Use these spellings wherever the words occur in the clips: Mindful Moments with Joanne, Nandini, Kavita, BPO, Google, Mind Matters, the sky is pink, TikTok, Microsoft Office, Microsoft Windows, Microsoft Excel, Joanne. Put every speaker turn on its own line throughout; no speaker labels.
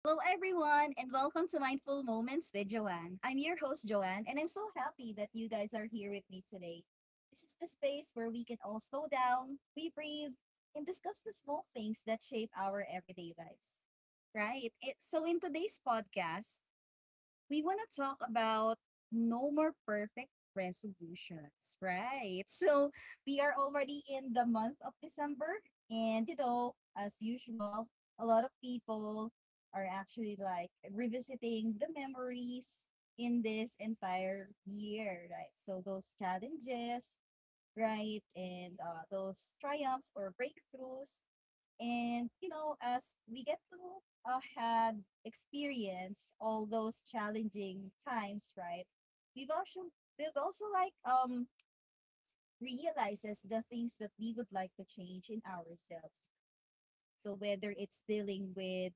Hello, everyone, and welcome to Mindful Moments with Joanne. I'm your host, Joanne, and I'm so happy that you guys are here with me today. This is the space where we can all slow down, we breathe, and discuss the small things that shape our everyday lives. Right? So in today's podcast, we want to talk about no more perfect resolutions, right? So we are already in the month of December, and you know, as usual, a lot of people are actually like revisiting the memories in this entire year, right? So those challenges, right? And those triumphs or breakthroughs. And, you know, as we get to had experience all those challenging times, right? We've also, we've also realizes the things that we would like to change in ourselves. So whether it's dealing with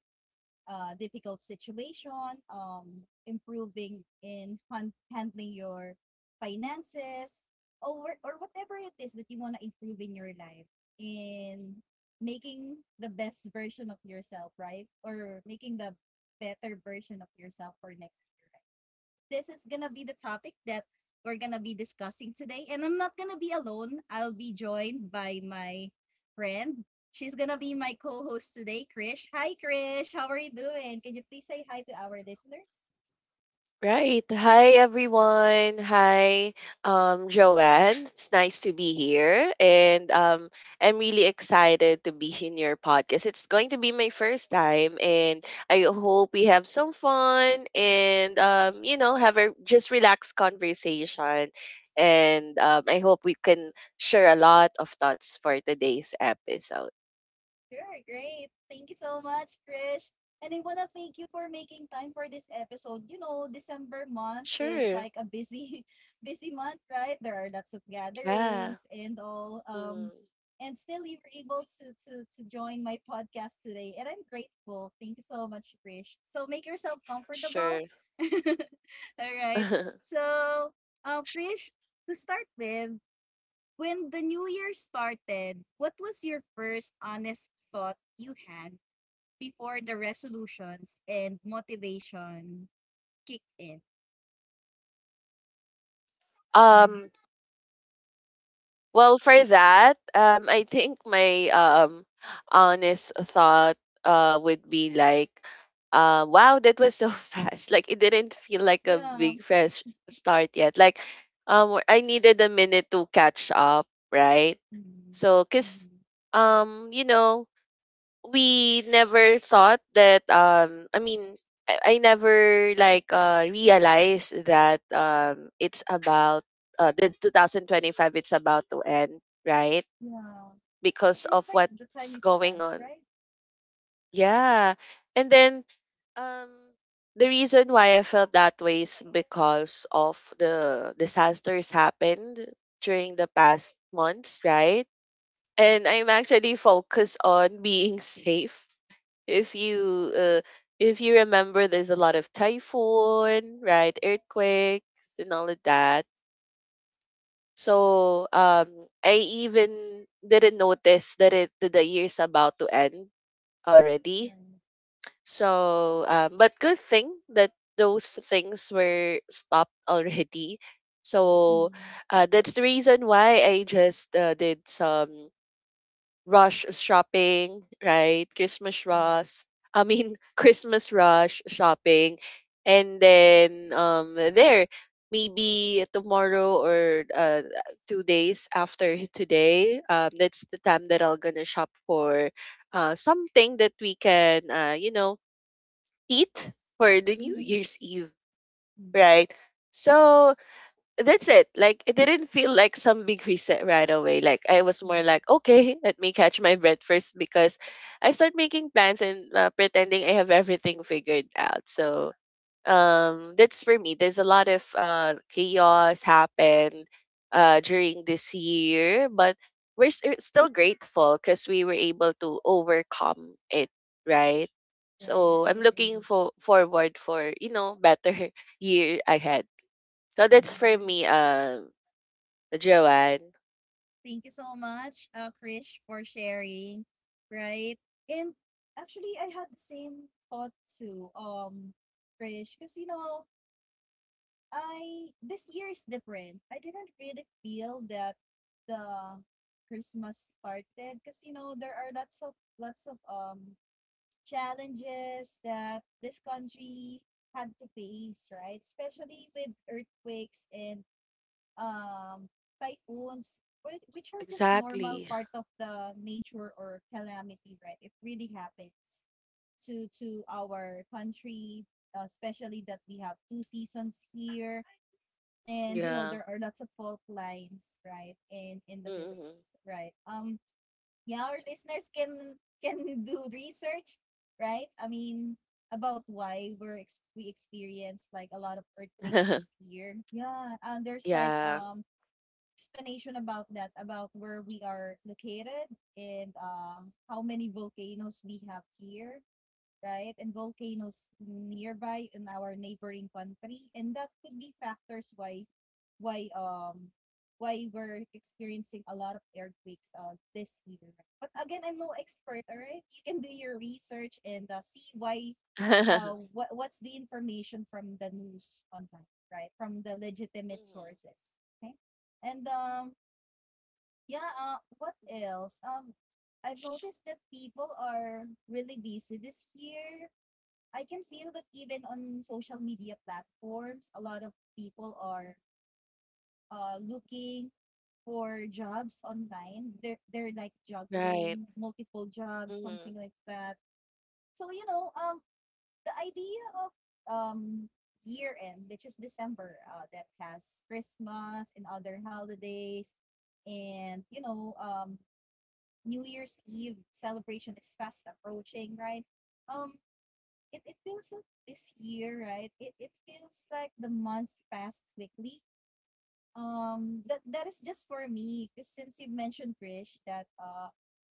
difficult situation, improving in handling your finances, or whatever it is that you want to improve in your life, in making the best version of yourself, right? Or making the better version of yourself for next year, this is gonna be the topic that we're gonna be discussing today. And I'm not gonna be alone. I'll be joined by my friend. She's gonna be my co-host today, Krish. Hi, Krish. How are you doing? Can you please say hi to our listeners?
Right. Hi, everyone. Hi, Joanne. It's nice to be here. And I'm really excited to be in your podcast. It's going to be my first time. And I hope we have some fun and, have a just relaxed conversation. And I hope we can share a lot of thoughts for today's episode.
Sure, great. Thank you so much, Krish. And I want to thank you for making time for this episode. You know, December month is
Sure.
like a busy, busy month, right? There are lots of
Yeah.
gatherings and all. Um,
Mm,
and still you were able to to join my podcast today, and I'm grateful. Thank you so much, Krish. So make yourself comfortable.
sure.
All right. So, Krish, to start with, when the new year started, what was your first honest thought you had before the resolutions and motivation kicked in? Mhm.
Um, Well, for that, I think my honest thought would be like, wow, that was so fast. Like it didn't feel like a
Yeah.
big fresh start yet. Like, I needed a minute to catch up, right?
Mhm.
So, cause
Mhm.
you know, we never thought that I never like realized that it's about the 2025 it's about to end, right?
Yeah. It
Because
feels
of
like the time
what's
is
going
fast,
on.
right?
Yeah. And then um the reason why I felt that way is because of the disasters happened during the past months, right? And I'm actually focused on being safe. If you uh, if you remember, there's a lot of typhoon, right? Earthquakes and all of that. So I even didn't notice that the year's about to end already.
Right.
So but good thing that those things were stopped already. So
Mhm.
that's the reason why I just did some rush shopping, right? Christmas
Mhm.
rush. I mean, Christmas rush shopping. And then there maybe tomorrow or 2 days after today, that's the time that I'm going to shop for something that we can eat for the New
Mhm.
Year's Eve,
Mhm.
right? So that's it. Like it didn't feel like some big reset right away. Like I was more
Mhm.
like, okay, let me catch my breath first because I start making plans and pretending I have everything figured out. So that's for me. There's a lot of chaos happened during this year, but we're still grateful because we were able to overcome it, right?
Right.
So
I
I'm looking
agree.
for forward for you know better year ahead. So that's
Mhm.
for
Right.
me, Joanne.
Thank you so much, Krish, for sharing. Right? And actually, I had the same thought too, Krish, because you know, I this year is different. I didn't really feel that the Christmas started because you know there are lots of challenges that this country had to face, right? Especially with earthquakes and um, typhoons, which are just normal
Exactly.
part of the nature or calamity, right? It really happens to our country, especially that we have two seasons here, and you know
Yeah.
there are lots of fault lines, right, in the
Mm-hmm.
Philippines, right? Yeah, our listeners can do research, right? I mean, about why we experienced like a lot of earthquakes this year. Yeah, and there's like
Yeah.
explanation about that, about where we are located and how many volcanoes we have here right? And volcanoes nearby in our neighboring country. And that could be factors why um why we're experiencing a lot of earthquakes this year. Right? But again, I'm no expert, all right? You can do your research and see why what's the information from the news online, right? From the legitimate
Mhm.
sources. Okay. And yeah, what
Mhm.
else? I've noticed that people are really busy this year. I can feel that even on social media platforms, a lot of people are looking for jobs online. They're like
Right.
juggling multiple jobs,
hmm
something like that. So, you know, the idea of um, year end, which is December, that has Christmas and other holidays, and, you know, New Year's Eve celebration is fast approaching, right? Um, it feels like this year, right? It feels like the months passed quickly. That is just for me. Because since you mentioned Krish, that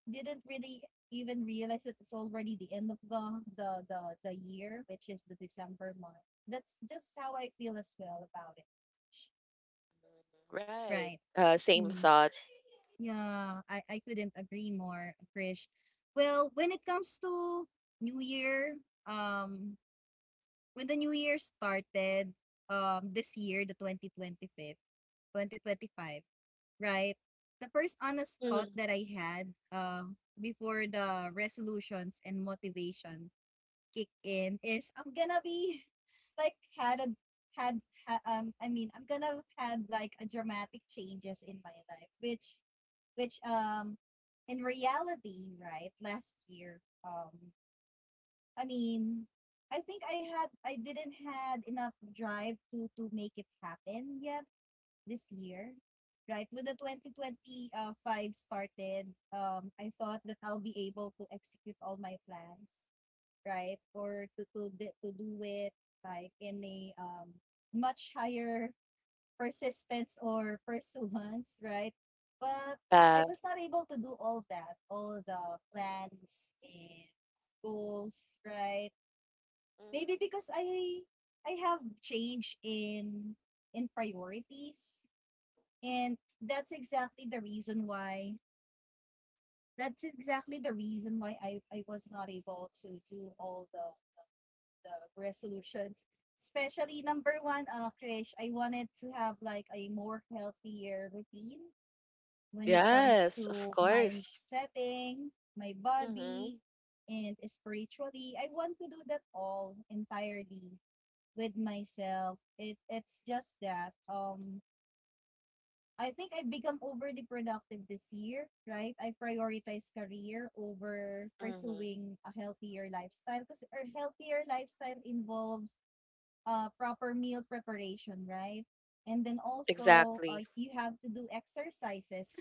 didn't really even realize that it's already the end of the year, which is the December month. That's just how I feel as well about it.
Right.
Right.
Same
Mm.
thought.
Yeah, I couldn't agree more, Krish. Well, when it comes to New Year, um, when the new year started, this year, 2025, right? The first honest thought
Hmm
that I had before the resolutions and motivation kick in is I'm gonna be like had a had ha, I mean I'm gonna had like a dramatic changes in my life which in reality right last year um I mean, I think I didn't had enough drive to make it happen yet this year. Right when the 2025 started, I thought that I'll be able to execute all my plans, right, or to do it like in a much higher persistence or pursuance, right? But I
Uh,
was not able to do all that, all the plans and goals, right?
mhm.
Maybe because I have change in priorities and that's exactly the reason why that's exactly the reason why I was not able to do all the resolutions. Especially number one, Krish, I wanted to have like a more healthier routine when it comes
Yes, of
to mind
course.
setting, my body,
Hmm
and spiritually. I want to do that all entirely with myself. It's just that I think I've become overly productive this year, right? I prioritize career over
hmm
pursuing a healthier lifestyle because a healthier lifestyle involves proper meal preparation, right? And then also
Exactly.
you have to do exercises.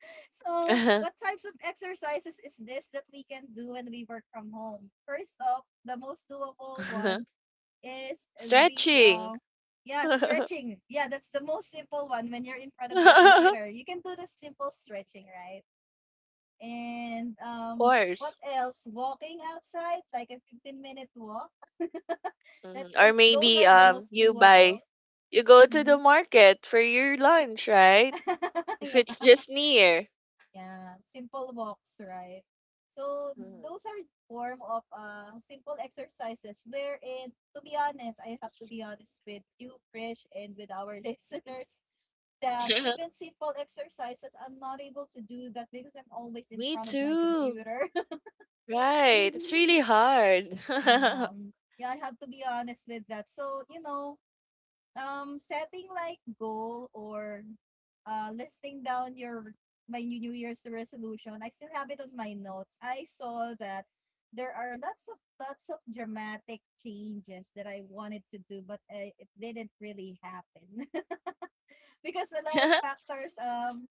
So, what types of exercises is this that we can do when we work from home? First off, the most doable one is the
Stretching.
uh, yeah stretching. Yeah, that's the most simple one. When you're in front of your
Of
computer, you can do the simple stretching, right? And what
course.
else? Walking outside, like a 15-minute minute walk. That's
Mhm. Or
the those
maybe
are the most
you buy
doable.
you go to the
Mhm.
market for your lunch, right? If
Yeah,
it's just near.
yeah, simple walks, right? So
Mhm.
those are form of simple exercises wherein, to be honest, I have to be honest with you, Krish, and with our listeners. That even simple exercises, I'm not able to do that because I'm always in
Me
front of my
too.
computer.
Right. It's really hard.
Yeah. um, Yeah, I have to be honest with that. So, you know, setting like goal or listing down your my new New Year's resolution, I still have it on my notes. I saw that there are lots of dramatic changes that I wanted to do, but it didn't really happen because a lot of factors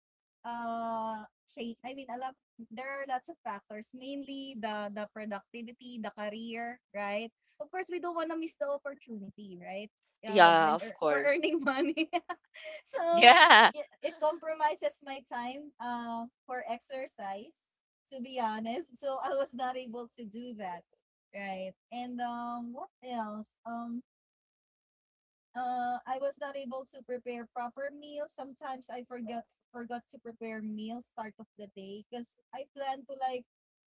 uh shake I mean a lot. There are lots of factors mainly the productivity the career right of course we don't want to miss the opportunity right
Yeah,
when
of
for
course.
earning money so
Yeah.
it compromises my time for exercise to be honest so I was not able to do that right and what else I was not able to prepare proper meals. Sometimes I forget forgot to prepare meal start of the day because I plan to like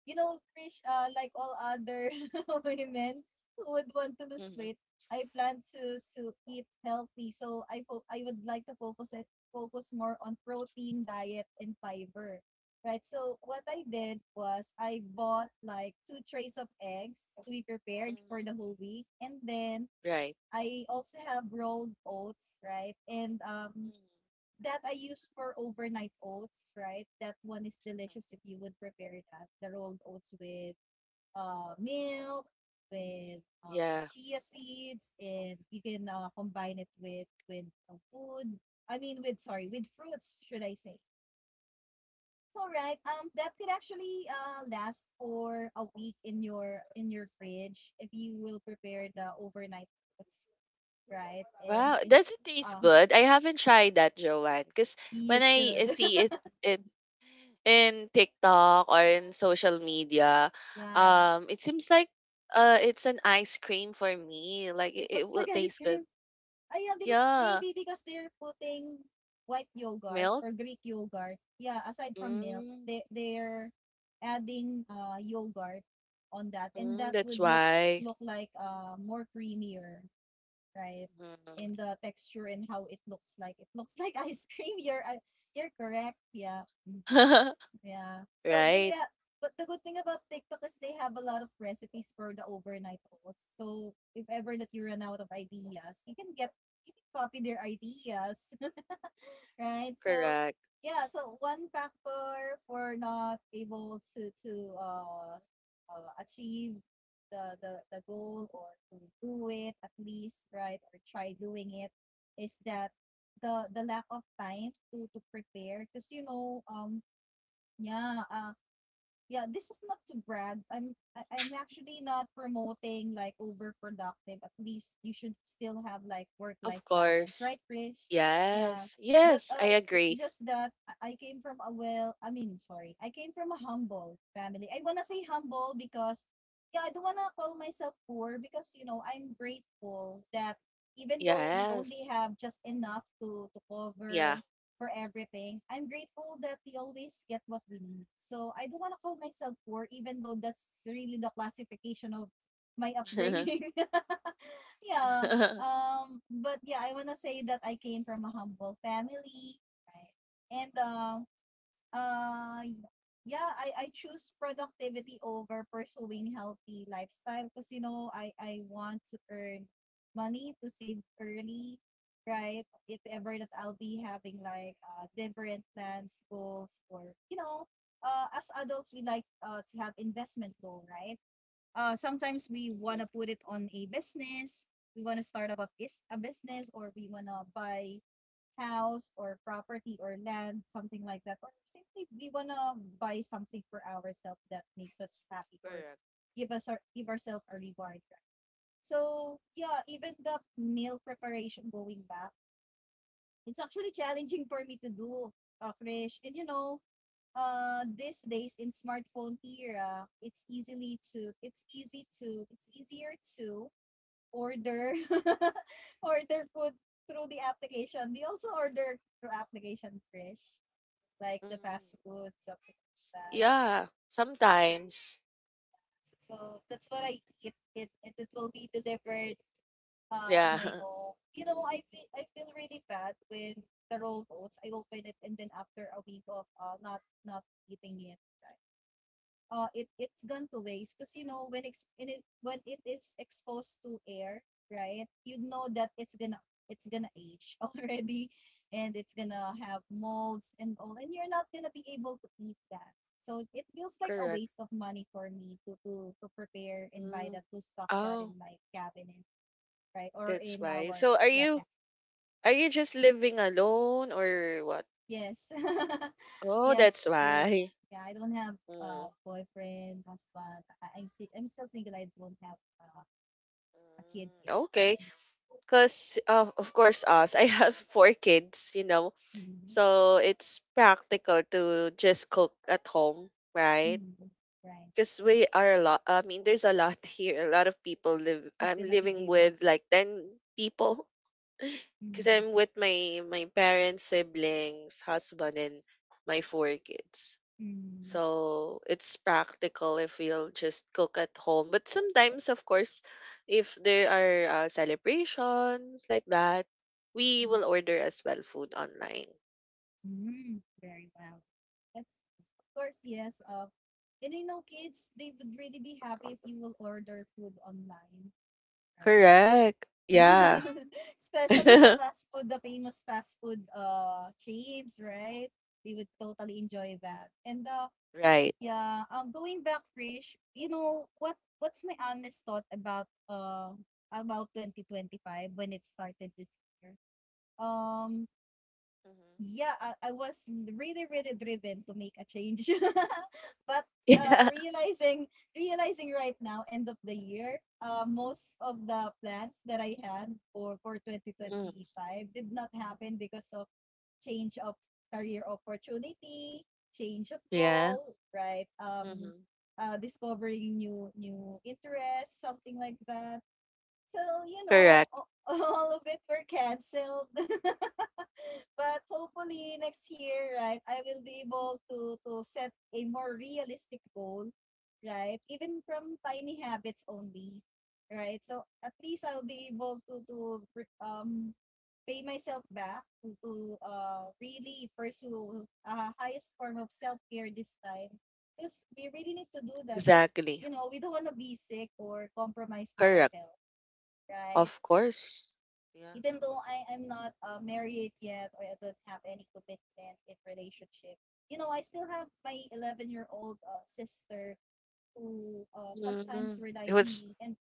you know Krish, like all other women who would want to lose
Mhm,
weight. I plan to eat healthy, so I would like to focus more on protein diet and fiber. Right. So what I did was I bought like two trays of eggs to be prepared for the
mhm.
whole week, and then
Right.
I also have rolled oats, right? And
Mhm.
that I use for overnight oats, right? That one is delicious if you would prepare that. The rolled oats with milk, with
Yeah.
chia seeds, and you can combine it with food. I mean, with sorry, with fruits, should I say? So right, that could actually last for a week in your fridge if you will prepare the overnight oats right? And you
Wow.
could
Does
just,
it taste
um,
good? I haven't tried that, Joanne. Because
you
when I
should.
see it in in TikTok or in social media,
Yeah,
it seems like it's an ice cream for me. Like
it
it
looks
will
like ice
taste
cream.
good.
Ah, yeah, because
Yeah.
maybe because they're putting white yogurt
Milk.
or Greek yogurt. Yeah, aside from milk,
Mm,
they're adding yogurt on that, and
mm,
that
that's
would
why.
look like more creamier, right?
Mhm.
In the texture and how it looks like. It looks like ice cream. You're correct. Yeah. Mhm. Yeah. So they
Right,
but the good thing about TikTok is they have a lot of recipes for the overnight oats. So if ever that you run out of ideas, you can copy their ideas, right? So
correct.
yeah, so one factor for not able to uh, achieve the goal or to do it at least, right? Or try doing it is that the lack of time to prepare because you know yeah uh yeah, this is not to brag. I'm actually not promoting like overproductive. At least you should still have like work
Of
life balance,
course.
right, Krish? Yeah.
Yes.
But
Yes, I
it's
agree.
just that I came from a I mean, sorry, I came from a humble family. I wanna say humble because, yeah, I don't wanna call myself poor because you know I'm grateful that even though we only
Yes.
have just enough to
Yeah.
cover for everything. I'm grateful that we always get what we need. So I don't want to call myself poor, even though that's really the classification of my upbringing. Yeah.
Mhm.
But yeah, I want to say that I came from a humble family, right? And Uh, yeah, I choose productivity over pursuing healthy lifestyle because you know I want to earn money to save early, right? If ever that I'll be having like different plans, goals, or you know, as adults we like to have investment goal, right? Sometimes we want to put it on a business. We want to start up a business or we want to buy house or property or land, something like that. Or simply we want to buy something for ourselves that makes us happy or
Correct.
give ourselves a reward, right? So yeah, even the meal preparation going back, it's actually challenging for me to do, Krish. And these days in smartphone era it's easily to it's easy to it's easier to order order food through the application, they also order through application fresh like the
Mm,
fast food, something like that.
yeah, sometimes.
So that's what I eat. It it will be delivered on
Yeah,
my home. You know, I feel really bad when the rolled oats I open it and then after a week of not not eating it, right? It's gone to waste because you know when it is exposed to air, right. You know that it's gonna age already, and it's gonna have molds and all, and you're not gonna be able to eat that. So it feels like a
correct.
waste of money for me to prepare and buy
Mm.
that to stock that in
Oh,
my cabinet, right? Or
that's
in
why.
our,
So
yeah.
are you just living alone or what?
Yes.
Oh, that's
Yes,
why.
Krish. Yeah, I don't have
Mm.
boyfriend, husband. I'm still single. I don't have a kid yet.
Mm, okay. Because of course us I have four kids, you know,
Mm-hmm.
so it's practical to just cook at home, right?
Mm-hmm. Right.
Because we are a lot, I mean there's a lot here, a lot of people live,
Who's
I'm
gonna be
living
able
with
to?
like 10 people because
Mm-hmm.
I'm with my parents, siblings, husband, and my four kids.
Mm-hmm.
So it's practical if you'll just cook at home. But sometimes, of course, if there are celebrations like that, we will order as well food online.
Mm-hmm. Very well. That's nice. Of course, yes. And you know, kids, they would really be happy if you will order food online, right?
Correct. Yeah.
Especially the fast food, the famous fast food chains, right? We would totally enjoy that. And
Right.
yeah, going back, Krish, you know what's my honest thought about 2025 when it started this year? Um
hmm
yeah, I was really, really driven to make a change. But uh,
Yeah.
realizing realizing right now, end of the year, most of the plans that I had for
hmm
2025 did not happen because of change of career opportunity, change of
Yeah.
goal, right?
hmm
Discovering new interests, something like that. So you know,
Correct.
all of it were canceled. But hopefully next year, right, I will be able to set a more realistic goal, right? Even from tiny habits only, right? So at least I'll be able to um pay myself back to really pursue a highest form of self care this time. Because we really need to do that. Because
Exactly.
you know we don't want to be sick or compromise our
Correct.
health, right?
Of
'Cause
course. Yeah.
even though I am not married yet or I don't have any commitment in relationship, you know, I still have my 11-year-old sister who
Mm-hmm.
sometimes
It
rely on
was
me. And,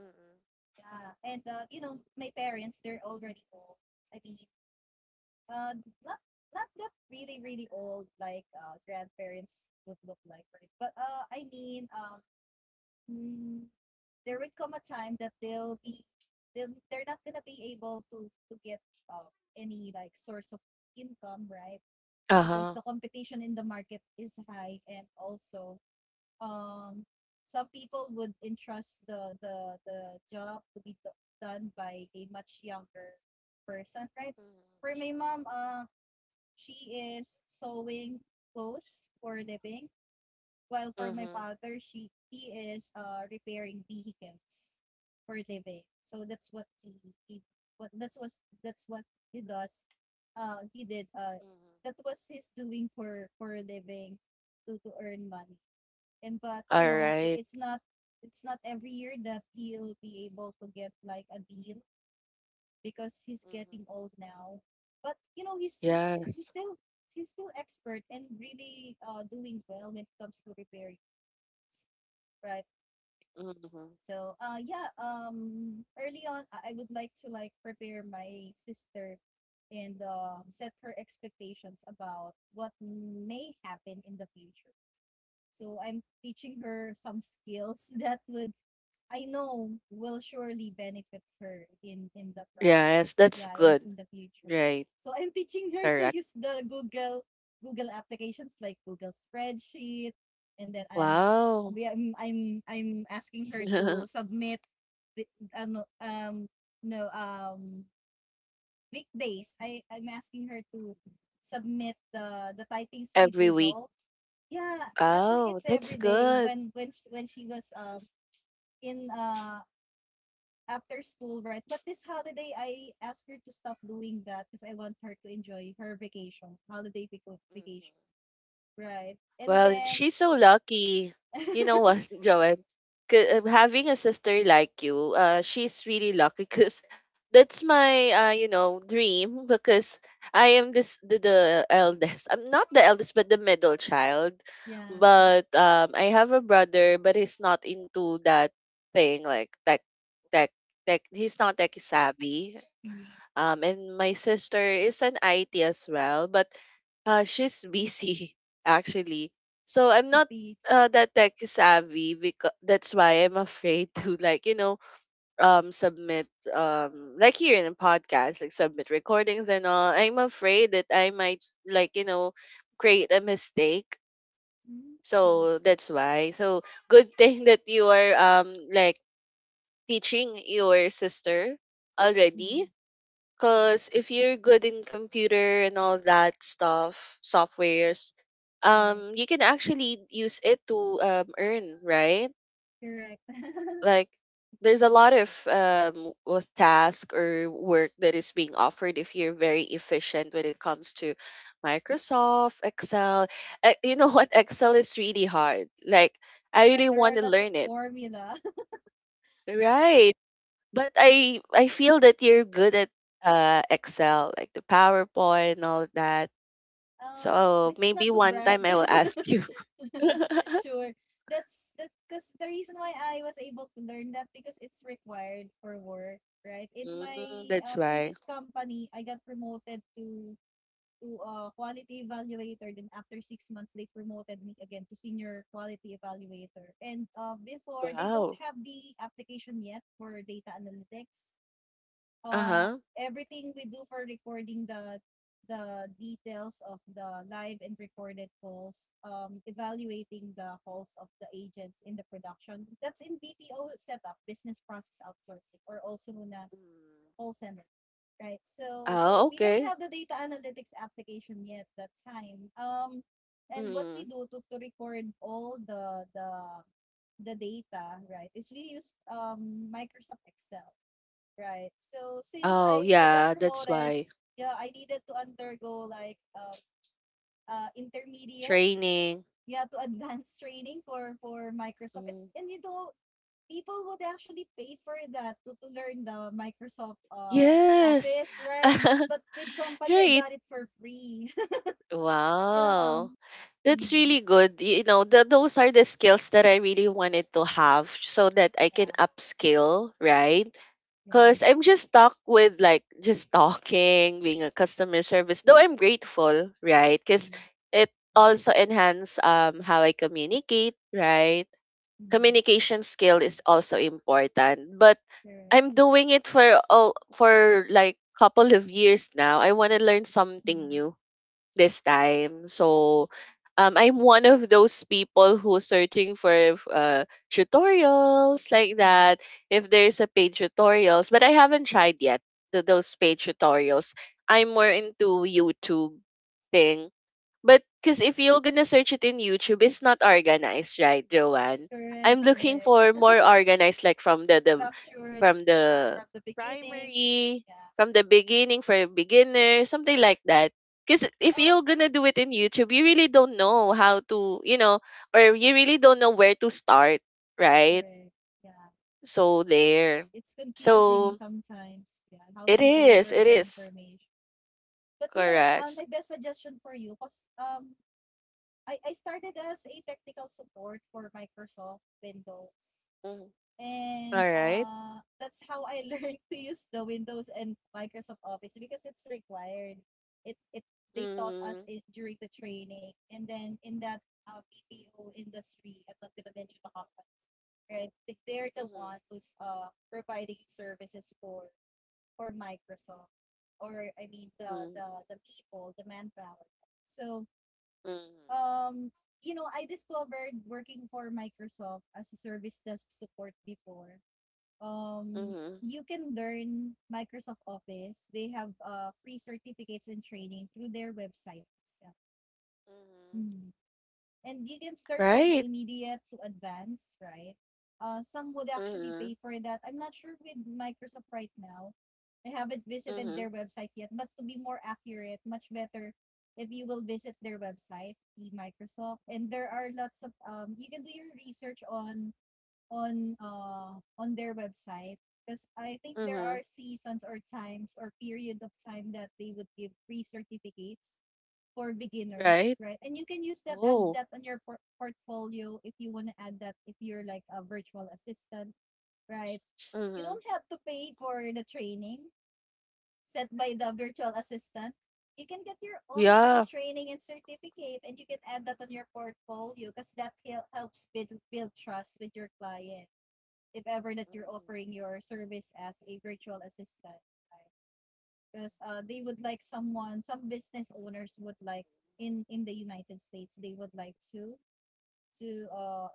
Mm-hmm.
you know, my parents, they're already old. I mean, uh, not, not that really, really old like grandparents would look like, right? But I mean, mm, there would come a time that they're not gonna be able to get uh, any like source of income, right?
uh
Because
huh.
the competition in the market is high, and also um some people would entrust the job to be done by a much younger person, right. For
Mm-hmm.
my mom, she is sewing clothes for a living. Well, for my
Mm-hmm.
father, she he is repairing vehicles for living. So that's what he what that's was that's what he does. He did That
Mm-hmm.
was his doing for a living to earn money. And but
All
you know
right.
it's not every year that he'll be able to get like a deal because he's getting old now. But you know he's
Yes.
still he's still expert and really doing well when it comes to repairing, right?
Mhm.
So yeah, early on I would like to like prepare my sister and set her expectations about what may happen in the future. So I'm teaching her some skills that would I know will surely benefit her in the
Yes,
process.
that's
Yeah,
good.
in the future.
Right.
So I'm teaching her to
Correct.
use the Google applications like Google spreadsheet, and then
Wow.
I'm I'm I'm asking her to submit the, ano no weekdays. I'm asking her to submit the typing speed
Every week.
result. Yeah, actually
Oh,
it's
that's
every day
good.
when when she was in after school, right? But this holiday, I asked her to stop doing that because I want her to enjoy her vacation, holiday
Mhm.
vacation, right? And
Well,
then,
she's so lucky. You know what, Joanne? 'Cause, having a sister like you, she's really lucky because that's my, dream because I am the eldest. I'm not the eldest, but the middle child.
yeah,
But I have a brother, but he's not into that thing like tech, tech. He's not tech savvy.
mm,
And my sister is an IT as well, but she's busy actually. So I'm
to
not
teach.
that tech savvy because that's why I'm afraid to like you know submit like here in a podcast like submit recordings and all. I'm afraid that I might like you know create a mistake.
Mm, mm,
So that's why. So good thing that you are like teaching your sister already.
mm,
Cause if you're good in computer and all that stuff, softwares,
right,
you can actually use it to earn, right?
correct.
Like there's a lot of task or work that is being offered if you're very efficient when it comes to Microsoft, Excel. You know what? Excel is really hard. Like I
Correct.
really
There
want
are
to
lots of
learn it,
formula.
right? But I feel that you're good at Excel, like the PowerPoint and all of that. So
This is not
maybe
to
one
brag.
time I will ask you.
Sure, that's that because the reason why I was able to learn that because it's required for work, right? In
Mm,
my
that's why.
previous company I got promoted to a quality evaluator, then after 6 months they promoted me again to senior quality evaluator. And before, they don't
Wow.
have the application yet for data analytics. uh,
Uh-huh.
Everything we do for recording the details of the live and recorded calls, evaluating the calls of the agents in the production. That's in BPO setup, business process outsourcing, or also known as
Mm.
call center. Right. So
Oh,
we don't
okay.
have the data analytics application yet that time. And what we
Mm.
do to record all the data, right, is we use Microsoft Excel. Right. So since
Oh,
I got
yeah, that's
promoted,
why.
yeah, I needed to undergo like intermediate,
Training.
yeah, to advanced training for Microsoft. It's,
Mm.
and you know people would actually pay for that to learn the Microsoft
Yes.
Office, right? But with company, I
Right.
got it for free. Yeah.
Wow. That's
Mm,
really good. You know, those are the skills that I really wanted to have so that I can
yeah.
upskill, right? Because
Yes.
I'm just stuck with like just talking, being a customer service, though I'm grateful, right? Because
Mm,
it
right.
also enhance how I communicate, right?
Mm,
Communication skill is also important. But
correct.
I'm doing it for all for like couple of years now. I want to learn something
Mm,
new this time. So I'm one of those people who's searching for uh, tutorials like
mm,
that. If there's a paid tutorials, but I haven't tried yet those paid tutorials. I'm more into YouTube thing. But because if you're gonna search it in YouTube, it's not organized, right, Joanne? I'm
correct.
looking
Correct.
for more organized, like from the, the
Structured
from the
from the beginning.
primary,
Yeah.
from the beginning for beginners, something like that. Because if you're
Oh,
gonna do it in YouTube, you really don't know how to, you know, or you really don't know where to start, right?
correct. Yeah.
So there.
It's confusing
So
sometimes, yeah, how they deliver
it
the
is
information. But you know,
correct.
my best suggestion for you, because I started as a technical support for Microsoft Windows.
Mhm. All
And
right.
that's how I learned to use the Windows and Microsoft Office because it's required. It They taught us
Mhm.
it during the training, and then in that uh, BPO industry, I'm not gonna mention the, right? They're the
Mhm.
one who's providing services for Microsoft, or I mean
Mhm.
the people, the manpower. So
Mhm.
um, you know, I discovered working for Microsoft as a service desk support before. Um,
Mhm.
you can learn Microsoft Office. They have free certificates and training through their website itself.
Mhm.
Mhm. And you can start from
Right.
immediate to advanced, right? Some would actually pay
Mhm.
for that. I'm not sure with Microsoft right now. I haven't visited their
Mhm.
website yet, but to be more accurate, much better if you will visit their website, the Microsoft, and there are lots of you can do your research on on their website, because I think there are
Mhm.
seasons or times or period of time that they would give free certificates for beginners,
Right.
right? And you can use that, add
Oh.
that on your portfolio if you want to add that if you're like a virtual assistant, right? You
Mhm.
don't have to pay for the training set by the virtual assistant. You can get your own free
Yeah.
training and certificate, and you can add that on your portfolio because that helps build, build trust with your client if ever that you're
Mhm,
offering your service as a virtual assistant. Right? Because they would like someone, some business owners would like in the United States. They would like to uh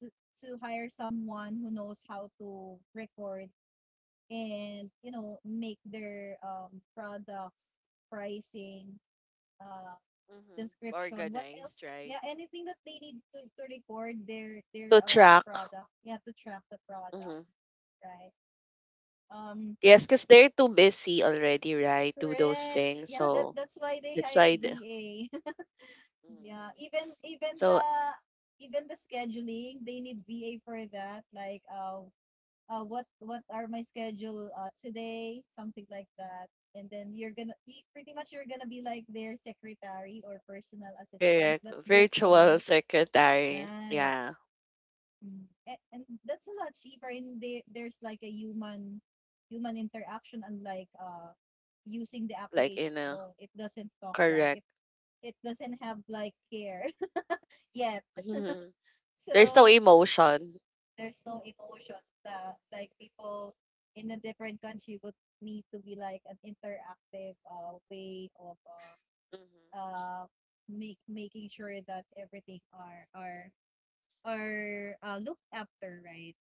to, to hire someone who knows how to record and make their products, pricing, uh
mhm.
description, what
Organized,
else, yeah,
right?
anything that they need to record their their
To
uh
track.
product, yeah, to track the product,
Mm-hmm.
right um
Yes, because they're too busy already, right? Do those
Correct,
things.
yeah, that
So
that's why they
that's
hire
why. The,
VA. Yeah,
Mm-hmm.
even
So
even the scheduling, they need VA for that. Like, what are my schedule today, something like that. And then you're gonna pretty much, you're gonna be like their secretary or personal assistant,
correct.
but
Virtual
virtually,
secretary.
right?
Yeah.
Mm. And that's a lot cheaper. And there's like a human interaction, unlike using the
Like
application
in a
alone. It doesn't talk, right.
correct.
It doesn't have like care. Yes.
Mm-hmm. There's no
So
emotion.
there's no emotion. The, like people in a different country would need to be like an interactive way of uh,
Mm-hmm.
uh, make making sure that everything are looked after, right?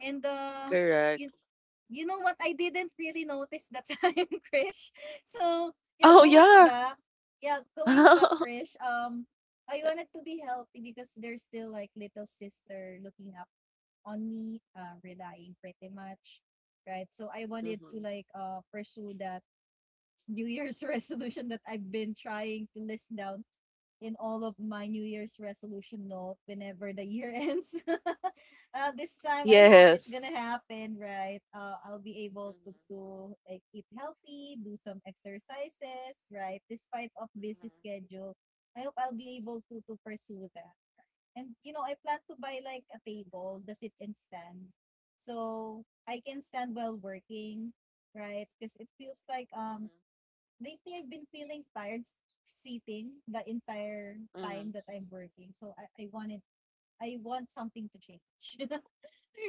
And you
Correct.
You know what, I didn't really notice that time, Krish. So yeah,
Oh
going
yeah.
back, yeah, going back, Krish. I wanted to be healthy because there's still like little sister looking up on me, relying pretty much, right? So I wanted to
Mm-hmm.
like pursue that New Year's resolution that I've been trying to list down in all of my New Year's resolution note whenever the year ends. This time, I hope it's
Yes.
gonna happen, right? I'll be able
Mm-hmm.
to like eat healthy, do some exercises, right? Despite of busy schedule, I hope I'll be able to pursue that. And you know, I plan to buy like a table, the sit and stand, so I can stand while working, right? Because it feels like lately I've been feeling tired, sitting the entire
Mm-hmm. Mm-hmm.
time that I'm working. So I want something to change.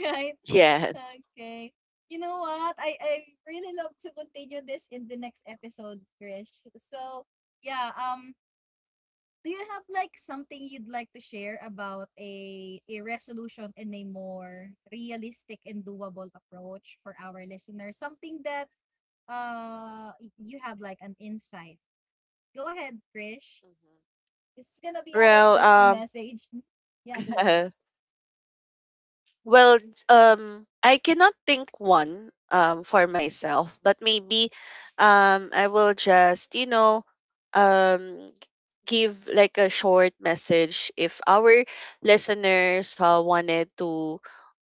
Right?
Yes.
Okay. You know what, I really love to continue this in the next episode, Krish. So yeah, do you have like something you'd like to share about a resolution in a more realistic and doable approach for our listeners? Something that you have like an insight. Go ahead, Krish.
Mm-hmm.
This is gonna be our
Well,
closing message. Mhm. Yeah, go ahead.
Well, I cannot think one for myself, but maybe I will just, you know, um g- give like a short message if our listeners wanted to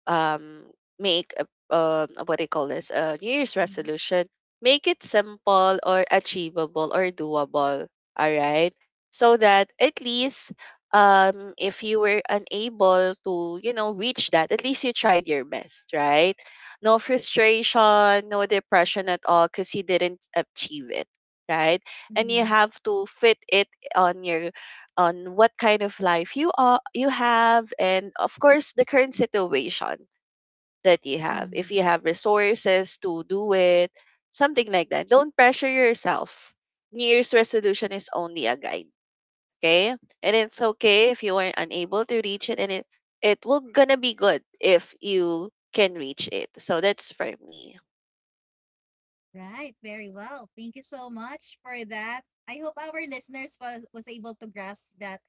um, make a, what do you call this, a New Year's
Mhm.
resolution, make it simple or achievable or doable. All right. So that at least if you were unable to, you know, reach that, at least you tried your best, right? No frustration, no depression at all because you didn't achieve it, right? And you
Mhm.
have to fit it on your on what kind of life you have and of course the current situation that you have. If
Mhm.
you have resources to do it, something like that. Don't pressure yourself. New Year's resolution is only a guide, okay? And it's okay if you are unable to reach it, and it will gonna be good if you can reach it. So that's for me.
Right, very well. Thank you so much for that. I hope our listeners was able to grasp that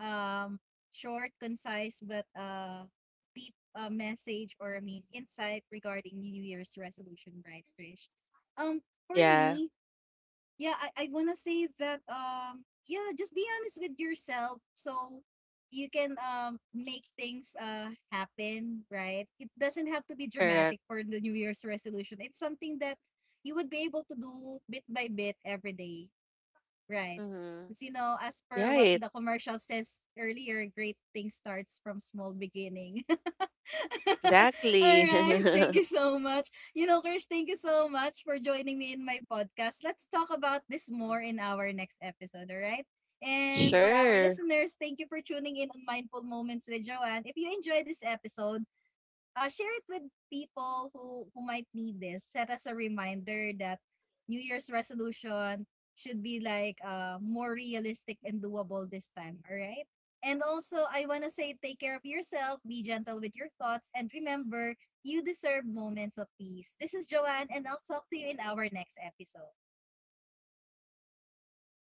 um, short, concise, but deep message, or I mean insight regarding New Year's resolution, right, Krish? Um, for
Yeah,
me, yeah, I wanna say that yeah, just be honest with yourself so you can make things happen, right? It doesn't have to be
correct.
dramatic for the New Year's resolution. It's something that you would be able to do bit by bit every day. Right.
Hmm
Because, you know, as per what
Right.
the commercial says earlier, great thing starts from small beginning. All
Exactly.
right. Thank you so much. You know, Krish, thank you so much for joining me in my podcast. Let's talk about this more in our next episode. All right. And for our
Sure.
listeners, thank you for tuning in on Mindful Moments with Joanne. If you enjoyed this episode, share it with people who might need this. Set as a reminder that New Year's resolution should be like more realistic and doable this time. All right. And also, I want to say take care of yourself, be gentle with your thoughts, and remember, you deserve moments of peace. This is Joanne, and I'll talk to you in our next episode.